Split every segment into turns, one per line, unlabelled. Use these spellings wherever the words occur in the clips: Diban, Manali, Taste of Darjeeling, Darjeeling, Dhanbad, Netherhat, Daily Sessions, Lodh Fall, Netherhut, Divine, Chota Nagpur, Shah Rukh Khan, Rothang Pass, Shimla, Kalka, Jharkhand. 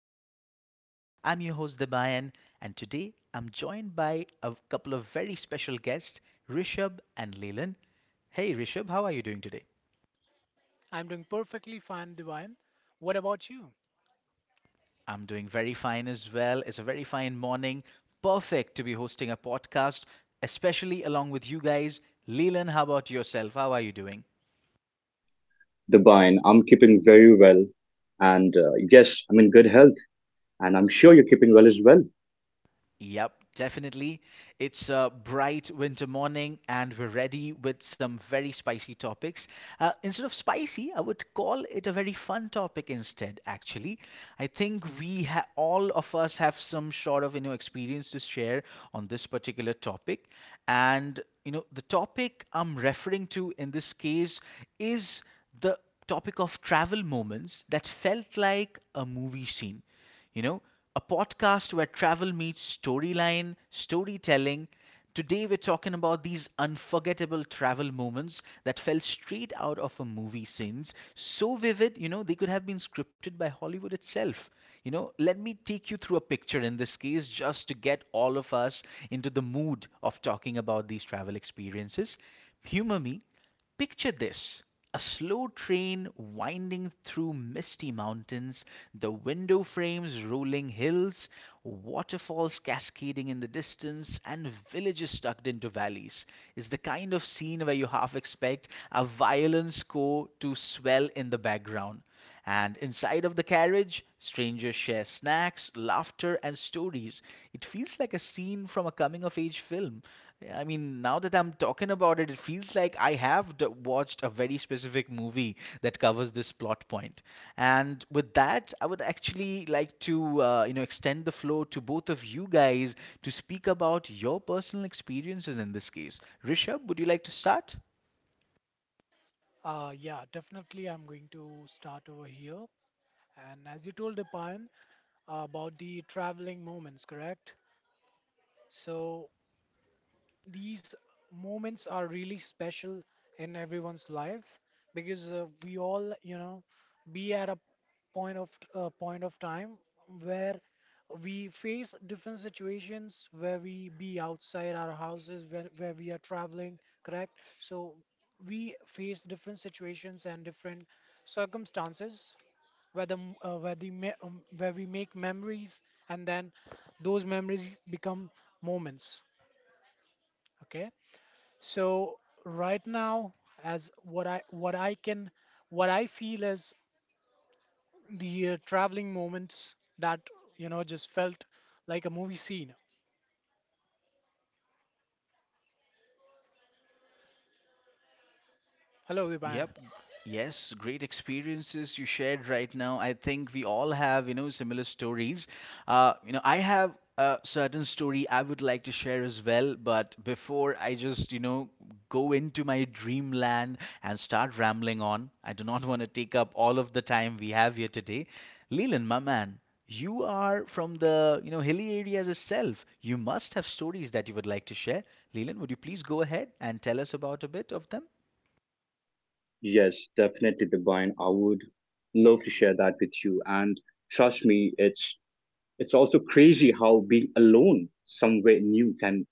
to Daily Sessions. I'm your host, Debayan, and today I'm joined by a couple of very special guests, Rishabh and Leland. Hey, Rishabh, how are you doing today?
I'm doing perfectly fine, Divine. What about you?
I'm doing very fine as well. It's a very fine morning. Perfect to be hosting a podcast, especially along with you guys. Leland, how about yourself? How are you doing?
Divine, I'm keeping very well. And yes, I'm in good health. And I'm sure you're keeping well as well.
Yep, definitely. It's a bright winter morning, and we're ready with some very spicy topics. Instead of spicy, I would call it a very fun topic instead, actually. I think we ha all of us have some sort of, you know, experience to share on this particular topic. And, you know, the topic I'm referring to in this case is the topic of travel moments that felt like a movie scene. You know, a podcast where travel meets storyline, storytelling. Today, we're talking about these unforgettable travel moments that fell straight out of a movie scenes. So vivid, you know, they could have been scripted by Hollywood itself. You know, let me take you through a picture in this case just to get all of us into the mood of talking about these travel experiences. Humor me, picture this a slow train winding through misty mountains, the window frames rolling hills, waterfalls cascading in the distance, and villages tucked into valleys, is the kind of scene where you half expect a violin score to swell in the background. And inside of the carriage, strangers share snacks, laughter, and stories. It feels like a scene from a coming of age film. I mean, now that I'm talking about it, it feels like I have watched a very specific movie that covers this plot point. And with that, I would actually like to, you know, extend the floor to both of you guys to speak about your personal experiences in this case. Rishabh, would you like to start?
Yeah, definitely. I'm going to start over here. And as you told Divine about the traveling moments, correct? So these moments are really special in everyone's lives because we all, you know, be at a point of time where we face different situations where we be outside our houses where we are traveling, correct. So we face different situations and different circumstances where the m- where the me- where we make memories, and then those memories become moments. Okay, so right now, as what I feel is the traveling moments that, you know, just felt like a movie scene. Hello, Diban.
Yep. Yes, great experiences you shared right now. I think we all have, you know, similar stories. You know, I have a certain story I would like to share as well, but before I just, you know, go into my dreamland and start rambling on, I do not want to take up all of the time we have here today. Leland, my man, you are from the, you know, hilly areas itself. You must have stories that you would like to share. Leland, would you please go ahead and tell us about a bit of them?
Yes, definitely, Divine. I would love to share that with you. And trust me, it's also crazy how being alone somewhere new can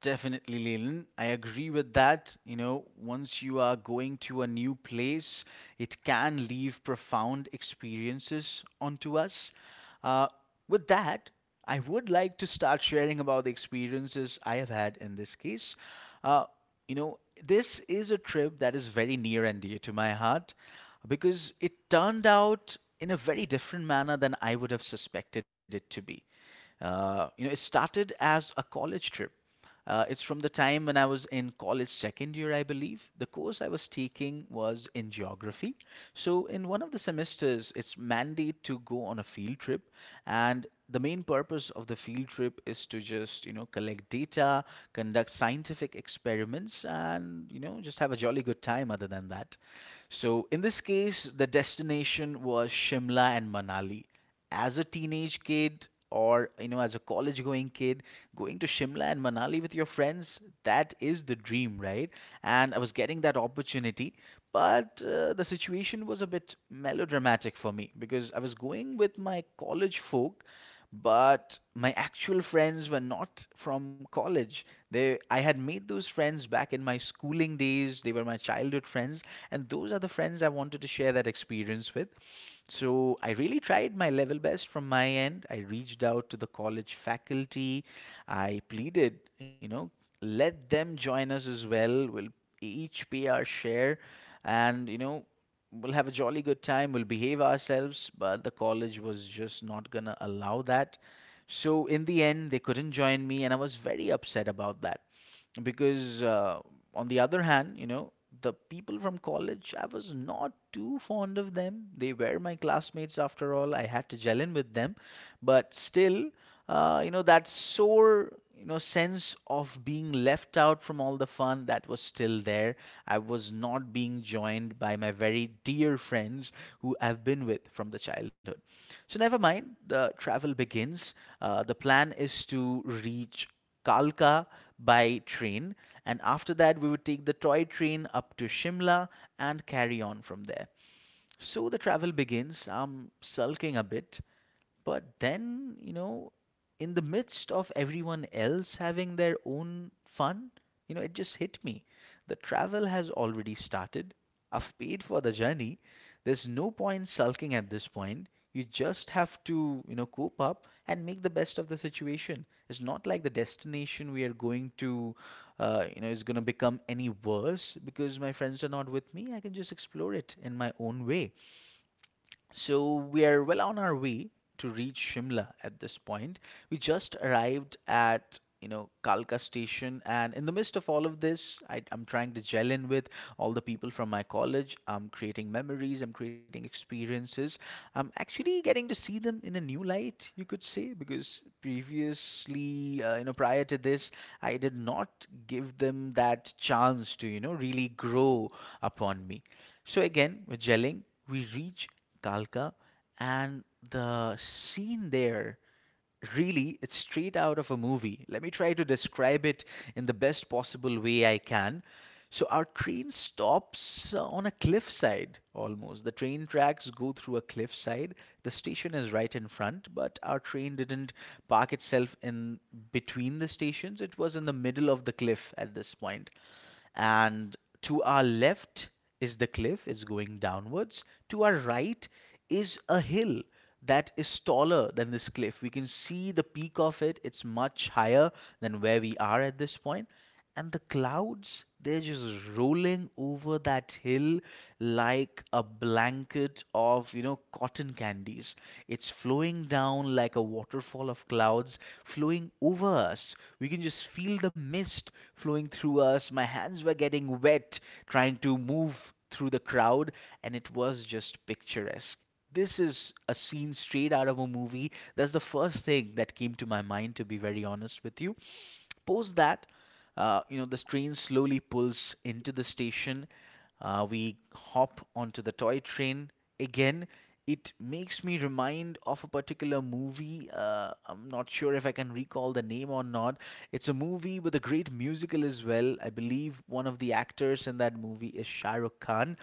Definitely, Leland. I agree with that. You know, once you are going to a new place, it can leave profound experiences onto us. Uh, with that, I would like to start sharing about the experiences I have had in this case. Uh, you know, this is a trip that is very near and dear to my heart because it turned out in a very different manner than I would have suspected it to be. You know, it started as a college trip, it's from the time when I was in college second year, I believe. The course I was taking was in geography. So, in one of the semesters, it's mandate to go on a field trip, and the main purpose of the field trip is to just, you know, collect data, conduct scientific experiments, and, you know, just have a jolly good time other than that. So, in this case, the destination was Shimla and Manali. As a teenage kid, or you know, as a college going kid going to Shimla and Manali with your friends, that is the dream, right? And I was getting that opportunity, but the situation was a bit melodramatic for me because I was going with my college folk, but my actual friends were not from college. They, I had made those friends back in my schooling days. They were my childhood friends, and those are the friends I wanted to share that experience with. So I really tried my level best from my end. I reached out to the college faculty. I pleaded, you know, let them join us as well. We'll each pay our share and, you know, we'll have a jolly good time. We'll behave ourselves. But the college was just not going to allow that. So in the end, they couldn't join me, and I was very upset about that because on the other hand, you know, the people from college, I was not too fond of them. They were my classmates. After all, I had to gel in with them. But still, you know, that sore, you know, sense of being left out from all the fun, that was still there. I was not being joined by my very dear friends who I've been with from the childhood. So never mind, the travel begins. The plan is to reach Kalka by train, and after that we would take the toy train up to Shimla and carry on from there. So the travel begins. I'm sulking a bit. But then, you know, in the midst of everyone else having their own fun, you know, it just hit me. The travel has already started. I've paid for the journey. There's no point sulking at this point. You just have to, you know, cope up and make the best of the situation. It's not like the destination we are going to, you know, is going to become any worse because my friends are not with me. I can just explore it in my own way. So we are well on our way to reach Shimla at this point. We just arrived at, you know, Kalka station, and in the midst of all of this, I'm trying to gel in with all the people from my college. I'm creating memories, I'm creating experiences. I'm actually getting to see them in a new light, you could say, because previously, you know, prior to this, I did not give them that chance to, you know, really grow upon me. So again, with gelling, we reach Kalka, and the scene there, really, it's straight out of a movie. Let me try to describe it in the best possible way I can. So our train stops on a cliffside almost. The train tracks go through a cliffside. The station is right in front, but our train didn't park itself in between the stations. It was in the middle of the cliff at this point. And to our left is the cliff, is going downwards. To our right is a hill that is taller than this cliff. We can see the peak of it, it's much higher than where we are at this point. And the clouds, they're just rolling over that hill like a blanket of, you know, cotton candies. It's flowing down like a waterfall of clouds, flowing over us. We can just feel the mist flowing through us. My hands were getting wet trying to move through the crowd, and it was just picturesque. This is a scene straight out of a movie. That's the first thing that came to my mind, to be very honest with you. Post that, you know, this train slowly pulls into the station. We hop onto the toy train. Again, it makes me remind of a particular movie. I'm not sure if I can recall the name or not. It's a movie with a great musical as well. I believe one of the actors in that movie is Shah Rukh Khan.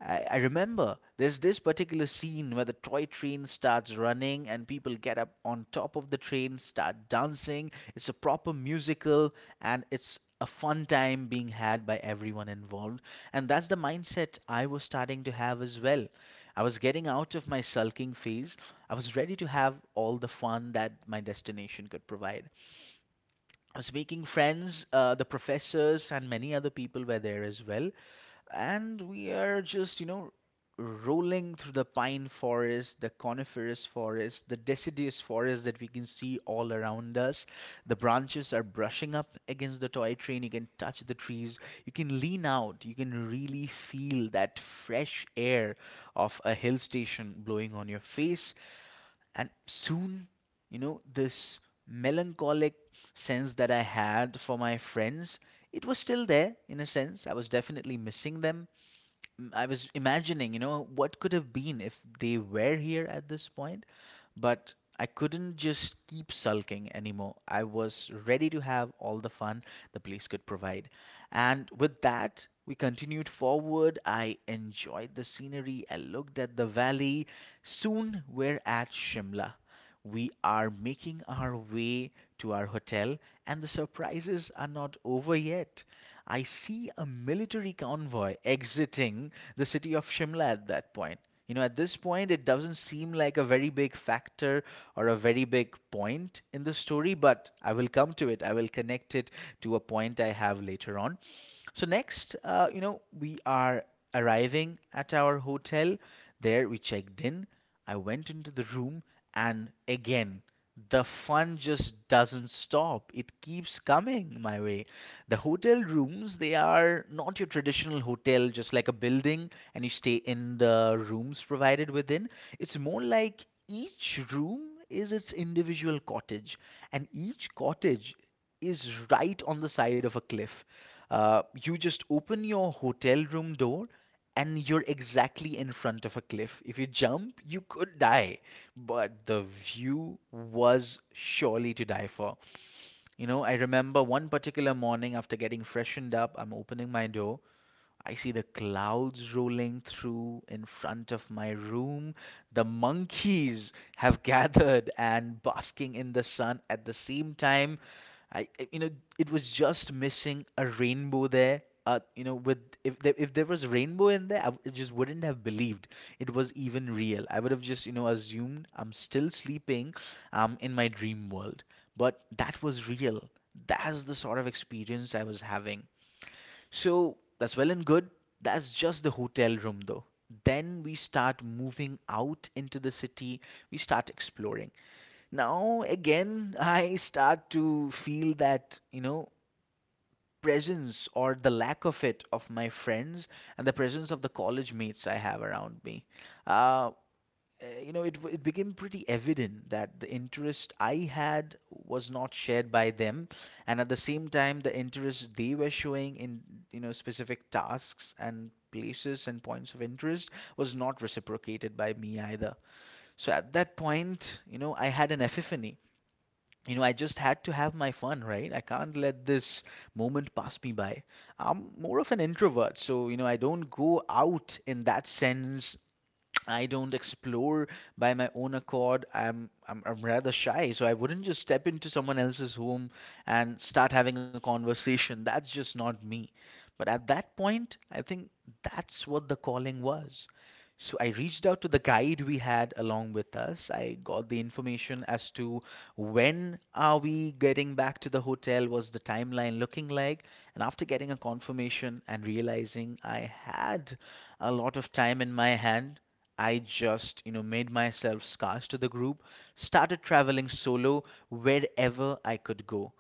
I remember there's this particular scene where the toy train starts running and people get up on top of the train, start dancing. It's a proper musical and it's a fun time being had by everyone involved. And that's the mindset I was starting to have as well. I was getting out of my sulking phase. I was ready to have all the fun that my destination could provide. Speaking friends, the professors and many other people were there as well. And we are just, you know, rolling through the pine forest, the coniferous forest, the deciduous forest that we can see all around us. The branches are brushing up against the toy train. You can touch the trees. You can lean out. You can really feel that fresh air of a hill station blowing on your face, and soon, you know, this melancholic sense that I had for my friends, it was still there. In a sense, I was definitely missing them. I was imagining, you know, what could have been if they were here at this point, but I couldn't just keep sulking anymore. I was ready to have all the fun the place could provide. And with that, we continued forward. I enjoyed the scenery. I looked at the valley. Soon we're at Shimla. We are making our way to our hotel, and the surprises are not over yet. I see a military convoy exiting the city of Shimla at that point. You know, at this point, it doesn't seem like a very big factor or a very big point in the story, but I will come to it. I will connect it to a point I have later on. So, next, you know, we are arriving at our hotel. There, we checked in. I went into the room, and again the fun just doesn't stop. It keeps coming my way. The hotel rooms, they are not your traditional hotel, just like a building, and you stay in the rooms provided within. It's more like each room is its individual cottage, and each cottage is right on the side of a cliff. You just open your hotel room door and you're exactly in front of a cliff. If you jump, you could die, but the view was surely to die for. You know, I remember one particular morning after getting freshened up, I'm opening my door. I see the clouds rolling through in front of my room. The monkeys have gathered and basking in the sun at the same time. You know, it was just missing a rainbow there. You know, with if there was rainbow in there, I just wouldn't have believed it was even real. I would have just, you know, assumed I'm still sleeping, in my dream world. But that was real. That's the sort of experience I was having. So that's well and good. That's just the hotel room, though. Then we start moving out into the city. We start exploring. Now, again, I start to feel that, you know, presence or the lack of it of my friends and the presence of the college mates I have around me. Uh, you know, it became pretty evident that the interest I had was not shared by them, and at the same time, the interest they were showing in, you know, specific tasks and places and points of interest was not reciprocated by me either. So at that point, you know, I had an epiphany. You know, I just had to have my fun, right? I can't let this moment pass me by. I'm more of an introvert, so you know, I don't go out in that sense. I don't explore by my own accord. I'm rather shy, so I wouldn't just step into someone else's home and start having a conversation. That's just not me. But at that point, I think that's what the calling was. So I reached out to the guide we had along with us. I got the information as to when are we getting back to the hotel, was the timeline looking like? And after getting a confirmation and realizing I had a lot of time in my hand, I just, you know, made myself scarce to the group, started traveling solo wherever I could go.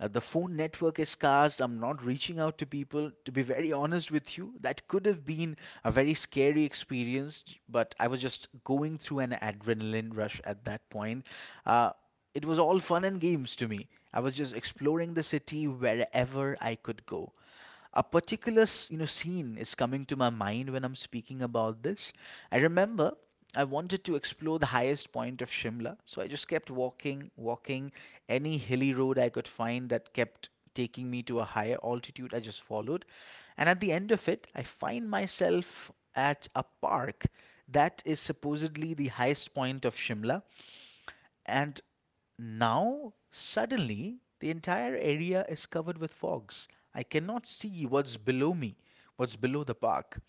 The phone network is scarce. I'm not reaching out to people. To be very honest with you, that could have been a very scary experience, but I was just going through an adrenaline rush at that point. Uh, it was all fun and games to me. I was just exploring the city wherever I could go. You know, scene is coming to my mind when I'm speaking about this. I remember I wanted to explore the highest point of Shimla, so I just kept walking, walking. Any hilly road I could find that kept taking me to a higher altitude, I just followed. And at the end of it, I find myself at a park that is supposedly the highest point of Shimla. And now suddenly the entire area is covered with fogs. I cannot see what's below me, what's below the park.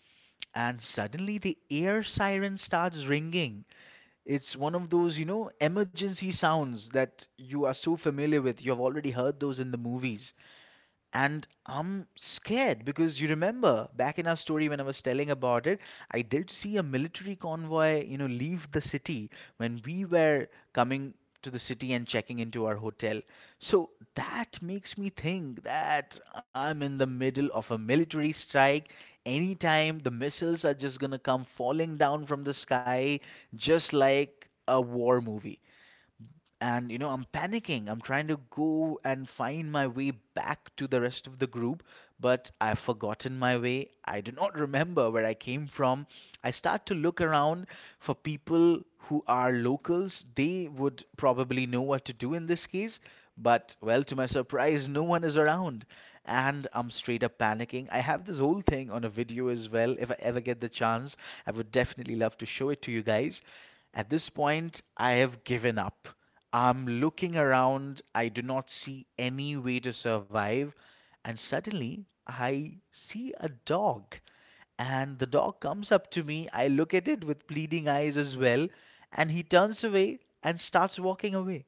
And suddenly the air siren starts ringing. It's one of those, you know, emergency sounds that you are so familiar with. You have already heard those in the movies. And I'm scared because you remember back in our story when I was telling about it, I did see a military convoy, you know, leave the city when we were coming to the city and checking into our hotel. So that makes me think that I'm in the middle of a military strike. Anytime the missiles are just gonna come falling down from the sky, just like a war movie. And you know, I'm panicking. I'm trying to go and find my way back to the rest of the group, but I've forgotten my way. I do not remember where I came from. I start to look around for people who are locals. They would probably know what to do in this case, but well, to my surprise, no one is around, and I'm straight up panicking. I have this whole thing on a video as well. If I ever get the chance, I would definitely love to show it to you guys. At this point, I have given up. I'm looking around. I do not see any way to survive. And suddenly I see a dog. And the dog comes up to me. I look at it with pleading eyes as well. And he turns away and starts walking away.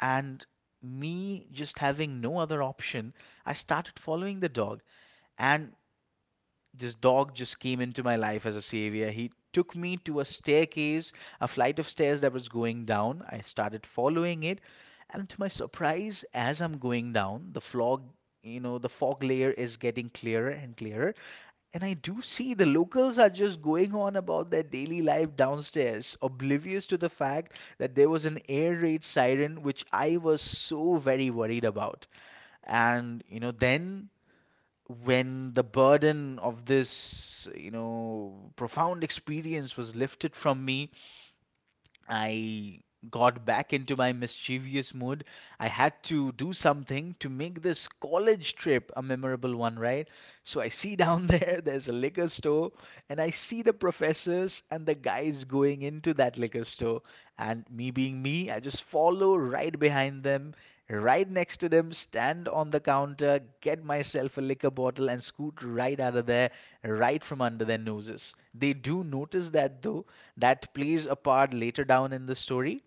And me just having no other option, I started following the dog. And this dog just came into my life as a savior. He took me to a staircase, a flight of stairs that was going down. I started following it, and to my surprise, as I'm going down, the fog, you know, the fog layer is getting clearer and clearer. And I do see the locals are just going on about their daily life downstairs, oblivious to the fact that there was an air raid siren, which I was so very worried about. And, you know, then when the burden of this, you know, profound experience was lifted from me, I got back into my mischievous mood. I had to do something to make this college trip a memorable one, right? So I see down there, there's a liquor store, and I see the professors and the guys going into that liquor store. And me being me, I just follow right behind them, right next to them, stand on the counter, get myself a liquor bottle, and scoot right out of there, right from under their noses. They do notice that though, that plays a part later down in the story.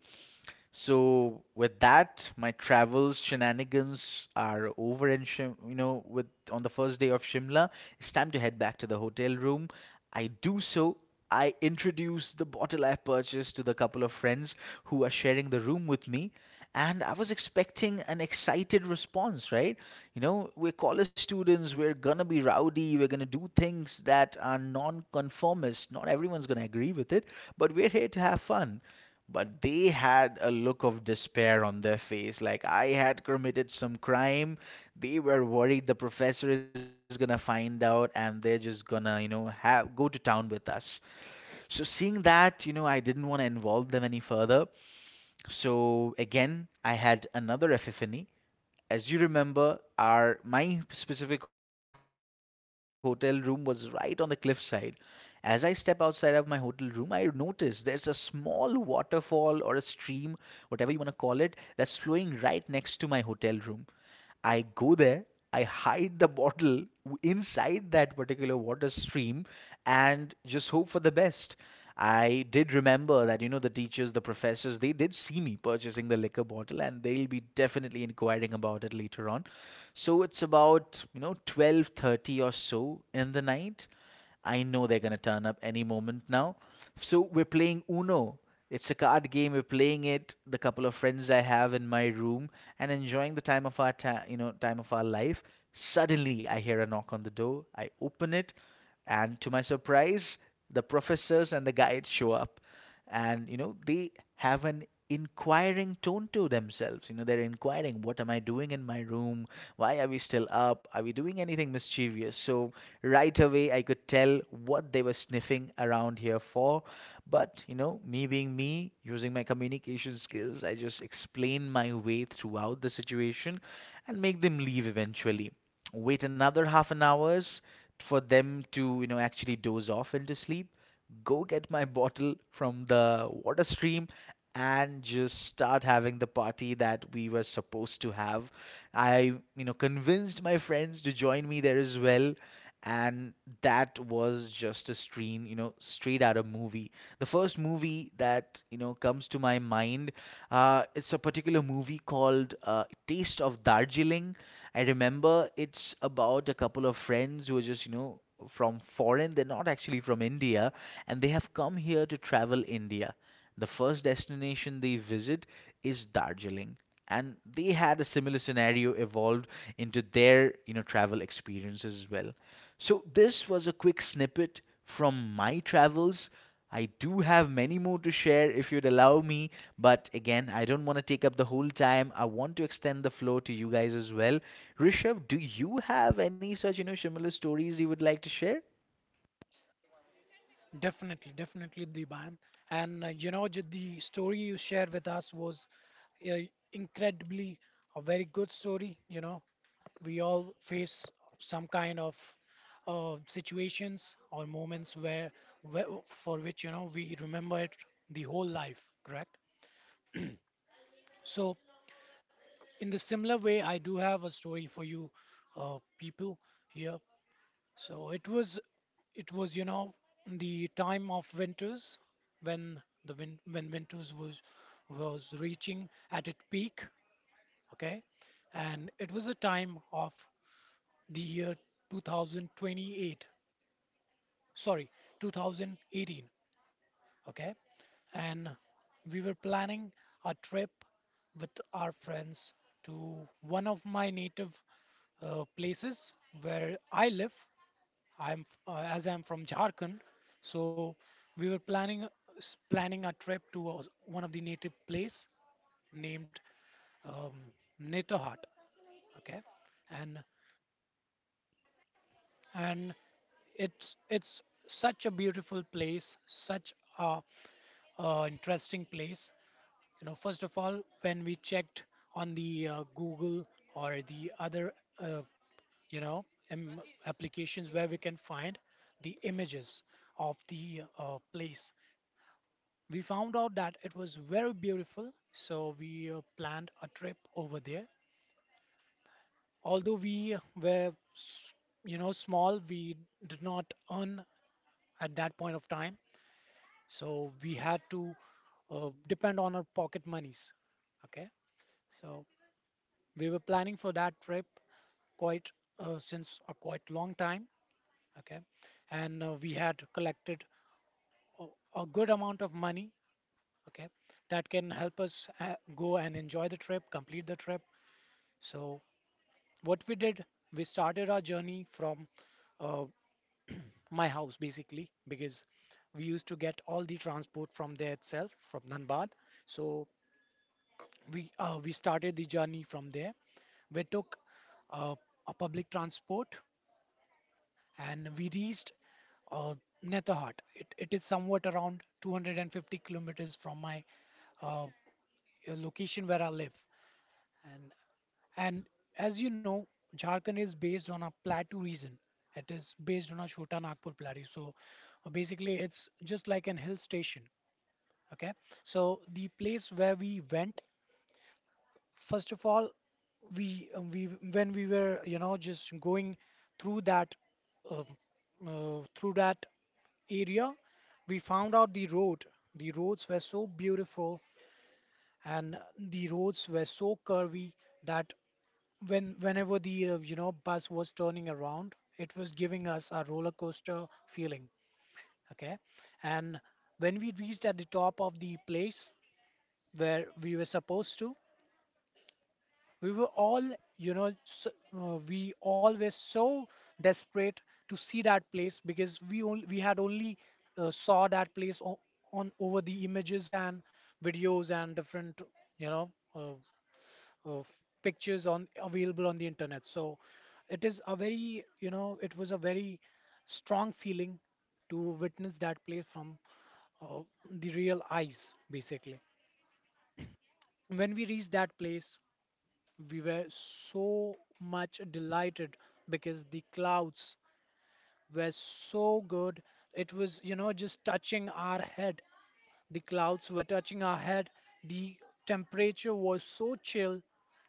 So with that, my travels shenanigans are over. You know, with on the first day of Shimla, it's time to head back to the hotel room. I do so. I introduce the bottle I purchased to the couple of friends who are sharing the room with me, and I was expecting an excited response, right? You know, we're college students, we're gonna be rowdy, we're gonna do things that are non-conformist. Not everyone's gonna agree with it, but we're here to have fun. But they had a look of despair on their face, like I had committed some crime. They were worried the professor is gonna find out and they're just gonna, you know, have go to town with us. So seeing that, you know, I didn't want to involve them any further. So again, I had another epiphany. As you remember, our my specific hotel room was right on the cliffside. As I step outside of my hotel room, I notice there's a small waterfall or a stream, whatever you want to call it, that's flowing right next to my hotel room. I go there, I hide the bottle inside that particular water stream and just hope for the best. I did remember that, you know, the teachers, the professors, they did see me purchasing the liquor bottle and they'll be definitely inquiring about it later on. So it's about, you know, 12:30 or so in the night. I know they're going to turn up any moment now. So we're playing Uno. It's a card game. We're playing it, the couple of friends I have in my room, and enjoying the time of our time, you know, time of our life. Suddenly, I hear a knock on the door. I open it, and to my surprise, the professors and the guides show up, and you know, they have an inquiring tone to themselves. You know, they're inquiring, "What am I doing in my room? Why are we still up? Are we doing anything mischievous?" So right away, I could tell what they were sniffing around here for, but, you know, me being me, using my communication skills, I just explain my way throughout the situation and make them leave eventually. Wait another half an hours for them to, actually doze off into sleep go get my bottle from the water stream and just start having the party that we were supposed to have. I convinced my friends to join me there as well. And that was just a stream, straight out of movie. The first movie that, comes to my mind, it's a particular movie called Taste of Darjeeling. I remember it's about a couple of friends who are just, from foreign. They're not actually from India, and they have come here to travel India. The first destination they visit is Darjeeling, and they had a similar scenario evolved into their, you know, travel experience as well. So this was a quick snippet from my travels. I do have many more to share if you'd allow me, but again, I don't want to take up the whole time. I want to extend the floor to you guys as well. Rishabh, do you have any such, you know, similar stories you would like to share?
Definitely, definitely, Diban. And you know, the story you shared with us was uh, incredibly a very good story. You know, we all face some kind of situations or moments where for which, you know, we remember it the whole life, correct. So in the similar way, I do have a story for you, people here. So it was, you know, the time of winters when the win when winters was reaching at its peak, okay? And it was a time of the year 2028, sorry, 2018, okay? And we were planning a trip with our friends to one of my native places where I live. As I'm from Jharkhand, so we were planning planning a trip to one of the native place named um, Netherhat. Okay, and and it's such a beautiful place, such a interesting place. You know, first of all, when we checked on the Google or the other, uh, you know, applications where we can find the images of the place, we found out that it was very beautiful. So we planned a trip over there. Although we were, you know, small, we did not earn at that point of time. So we had to depend on our pocket monies. Okay. So we were planning for that trip quite since a quite long time. Okay, and we had collected a, a good amount of money. Okay, that can help us go and enjoy the trip, complete the trip. So what we did, we started our journey from uh, my house, basically because we used to get all the transport from there itself, from Dhanbad. So we started the journey from there. We took uh, a public transport and we reached uh, Netherhut. It is somewhat around 250 kilometers from my uh, location where I live. And and as you know, Jharkhand is based on a plateau region. It is based on a Chota Nagpur plateau. So basically, it's just like an hill station. Okay. So the place where we went, first of all, we when we were, you know, just going through that um, uh, through that area, we found out the road. The roads were so beautiful and the roads were so curvy that whenever the, you know, bus was turning around, it was giving us a roller coaster feeling. Okay, and when we reached at the top of the place where we were supposed to, we were all we all were so desperate to see that place because we had only saw that place on over the images and videos and different, you know, uh, pictures on available on the internet. So it was a very strong feeling to witness that place from uh, the real eyes, basically. When we reached that place, we were so much delighted because the clouds were so good. It was, you know, just touching our head. The clouds were touching our head. The temperature was so chill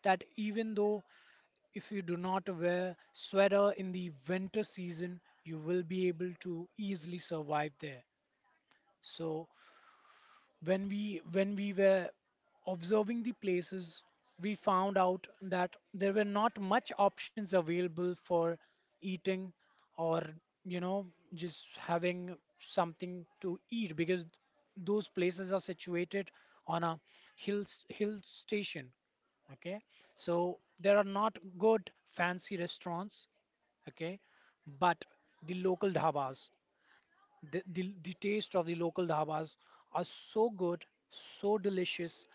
that even though if you do not wear sweater in the winter season, you will be able to easily survive there. So when we were observing the places, we found out that there were not much options available for eating or, you know, just having something to eat because those places are situated on a hill station, okay? So there are not good fancy restaurants, okay, but the local dhabas, the taste of the local dhabas are so good, so delicious,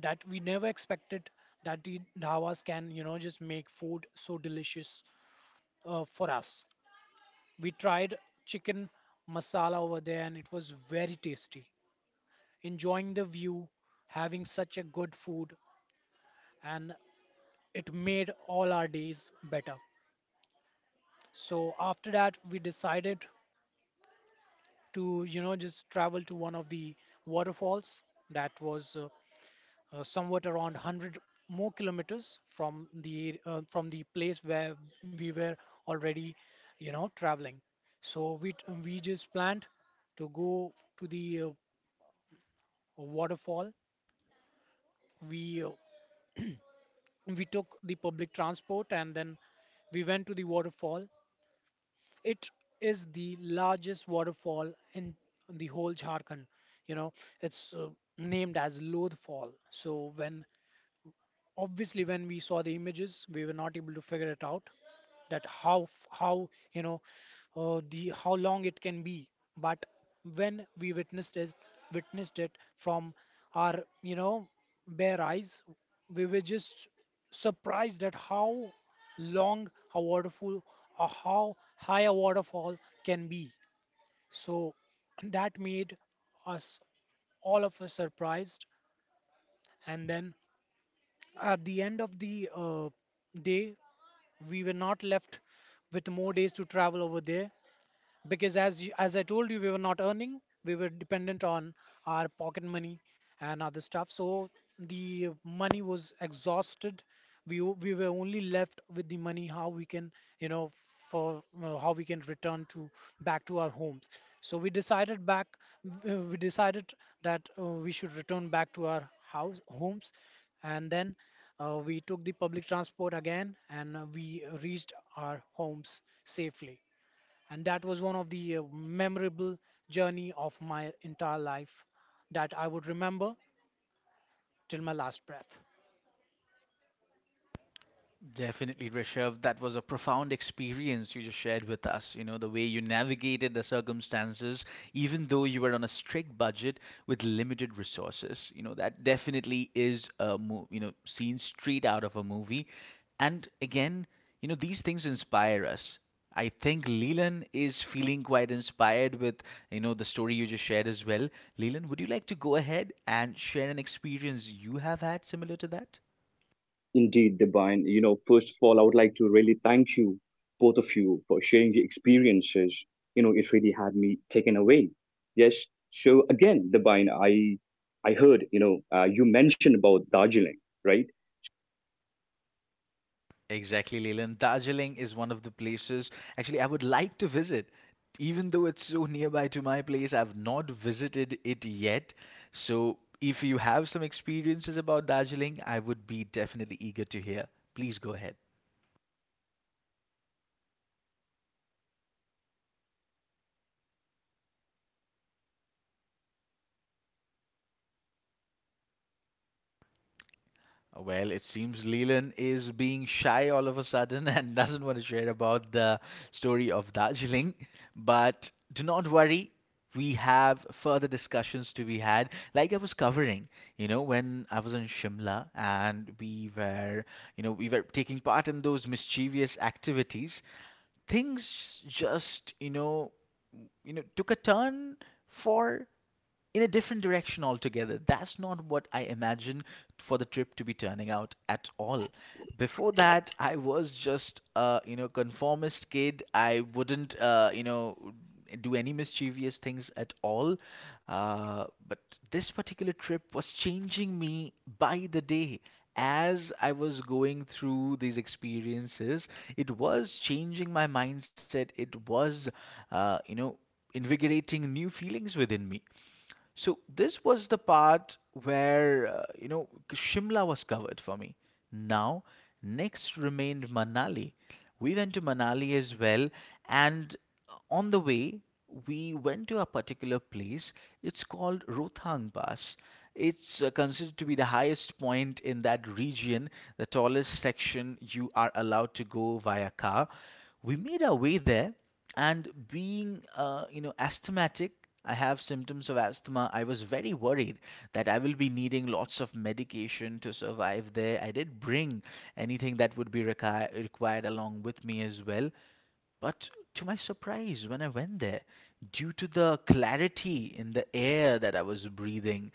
that we never expected that the dhabas can, you know, just make food so delicious for us. We tried chicken masala over there and it was very tasty. Enjoying the view, having such a good food, and it made all our days better. So after that, we decided to, you know, just travel to one of the waterfalls that was somewhat around 100 kilometers more kilometers from the place where we were already, you know, traveling. So we just planned to go to the waterfall. We we took the public transport and then we went to the waterfall. It is the largest waterfall in the whole Jharkhand. You know, it's named as Lodh Fall. So when, obviously, when we saw the images, we were not able to figure it out that how f- how you know the how long it can be. But when we witnessed it from our, you know, bare eyes, we were just surprised at how long a waterfall or how high a waterfall can be. So that made us all of us surprised. And then at the end of the day, we were not left with more days to travel over there because, as you, as I told you, we were not earning. We were dependent on our pocket money and other stuff. So the money was exhausted. We were only left with the money how we can, you know, for how we can return to back to our homes. So we decided that we should return back to our house homes, and then we took the public transport again and we reached our homes safely. And that was one of the memorable journey of my entire life that I would remember till my last breath.
Definitely, Rishabh. That was a profound experience you just shared with us. You know, the way you navigated the circumstances, even though you were on a strict budget with limited resources. You know, that definitely is a you know scene straight out of a movie. And again, you know, these things inspire us. I think Leland is feeling quite inspired with, you know, the story you just shared as well. Leland, would you like to go ahead and share an experience you have had similar to that?
indeed, Divine. You know, first of all, I would like to really thank you, both of you, for sharing your experiences. You know, it really had me taken away. Yes. So again, Divine, I heard, you mentioned about Darjeeling, right?
Exactly, Leland. Darjeeling is one of the places actually I would like to visit. Even though it's so nearby to my place, I've not visited it yet. So if you have some experiences about Darjeeling, I would be definitely eager to hear. Please go ahead. Well, it seems Leland is being shy all of a sudden and doesn't want to share about the story of Darjeeling. But do not worry, we have further discussions to be had. Like I was covering, you know, when I was in Shimla and we were, we were taking part in those mischievous activities, things just, you know, took a turn for in a different direction altogether. That's not what I imagine for the trip to be turning out at all. Before that, I was just a you know conformist kid. I wouldn't you know do any mischievous things at all. But this particular trip was changing me by the day. As I was going through these experiences, it was changing my mindset. It was, you know, invigorating new feelings within me. So this was the part where you know Shimla was covered for me. Now, next remained Manali. We went to Manali as well, and on the way we went to a particular place. It's called Rothang Pass. It's considered to be the highest point in that region, the tallest section you are allowed to go via car. We made our way there, and being you know asthmatic. I have symptoms of asthma. I was very worried that I will be needing lots of medication to survive there. I did bring anything that would be required along with me as well. But to my surprise, when I went there, due to the clarity in the air that I was breathing,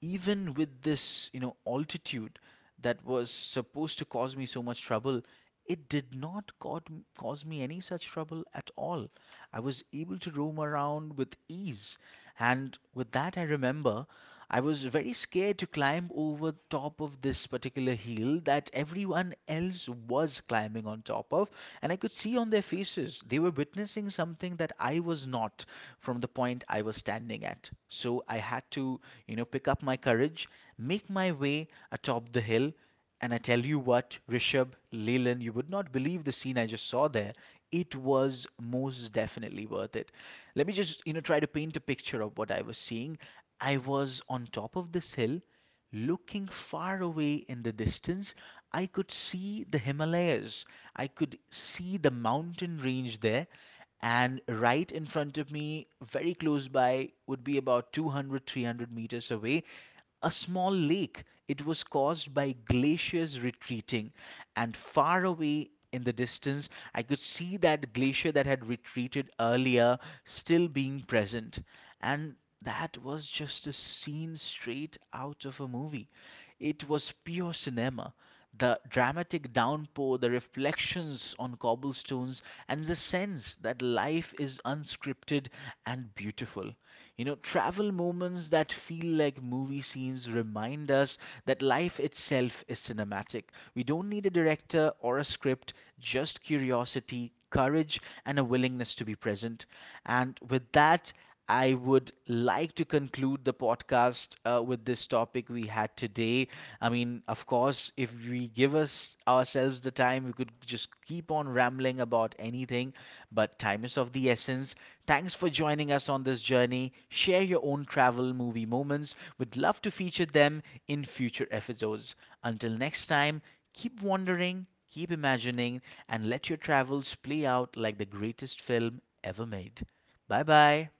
even with this, you know, altitude that was supposed to cause me so much trouble, it did not caught, cause me any such trouble at all. I was able to roam around with ease. And with that, I remember I was very scared to climb over top of this particular hill that everyone else was climbing on top of. And I could see on their faces, they were witnessing something that I was not from from the point I was standing at. So I had to, you know, pick up my courage, make my way atop the hill, and I tell you what, Rishabh, Leland, you would not believe the scene I just saw there. It was most definitely worth it. Let me just, you know, try to paint a picture of what I was seeing. I was on top of this hill. Looking far away in the distance, I could see the Himalayas. I could see the mountain range there, and right in front of me, very close by, would be about 200 300 meters away, a small lake. It was caused by glaciers retreating, and far away in the distance, I could see that glacier that had retreated earlier still being present. And that was just a scene straight out of a movie. It was pure cinema. The dramatic downpour, the reflections on cobblestones, and the sense that life is unscripted and beautiful. You know, travel moments that feel like movie scenes remind us that life itself is cinematic. We don't need a director or a script, just curiosity, courage, and a willingness to be present. And with that, I would like to conclude the podcast with this topic we had today. I mean, of course, if we give us ourselves the time, we could just keep on rambling about anything, but time is of the essence. Thanks for joining us on this journey. Share your own travel movie moments. We'd love to feature them in future episodes. Until next time, keep wondering, keep imagining, and let your travels play out like the greatest film ever made. Bye bye.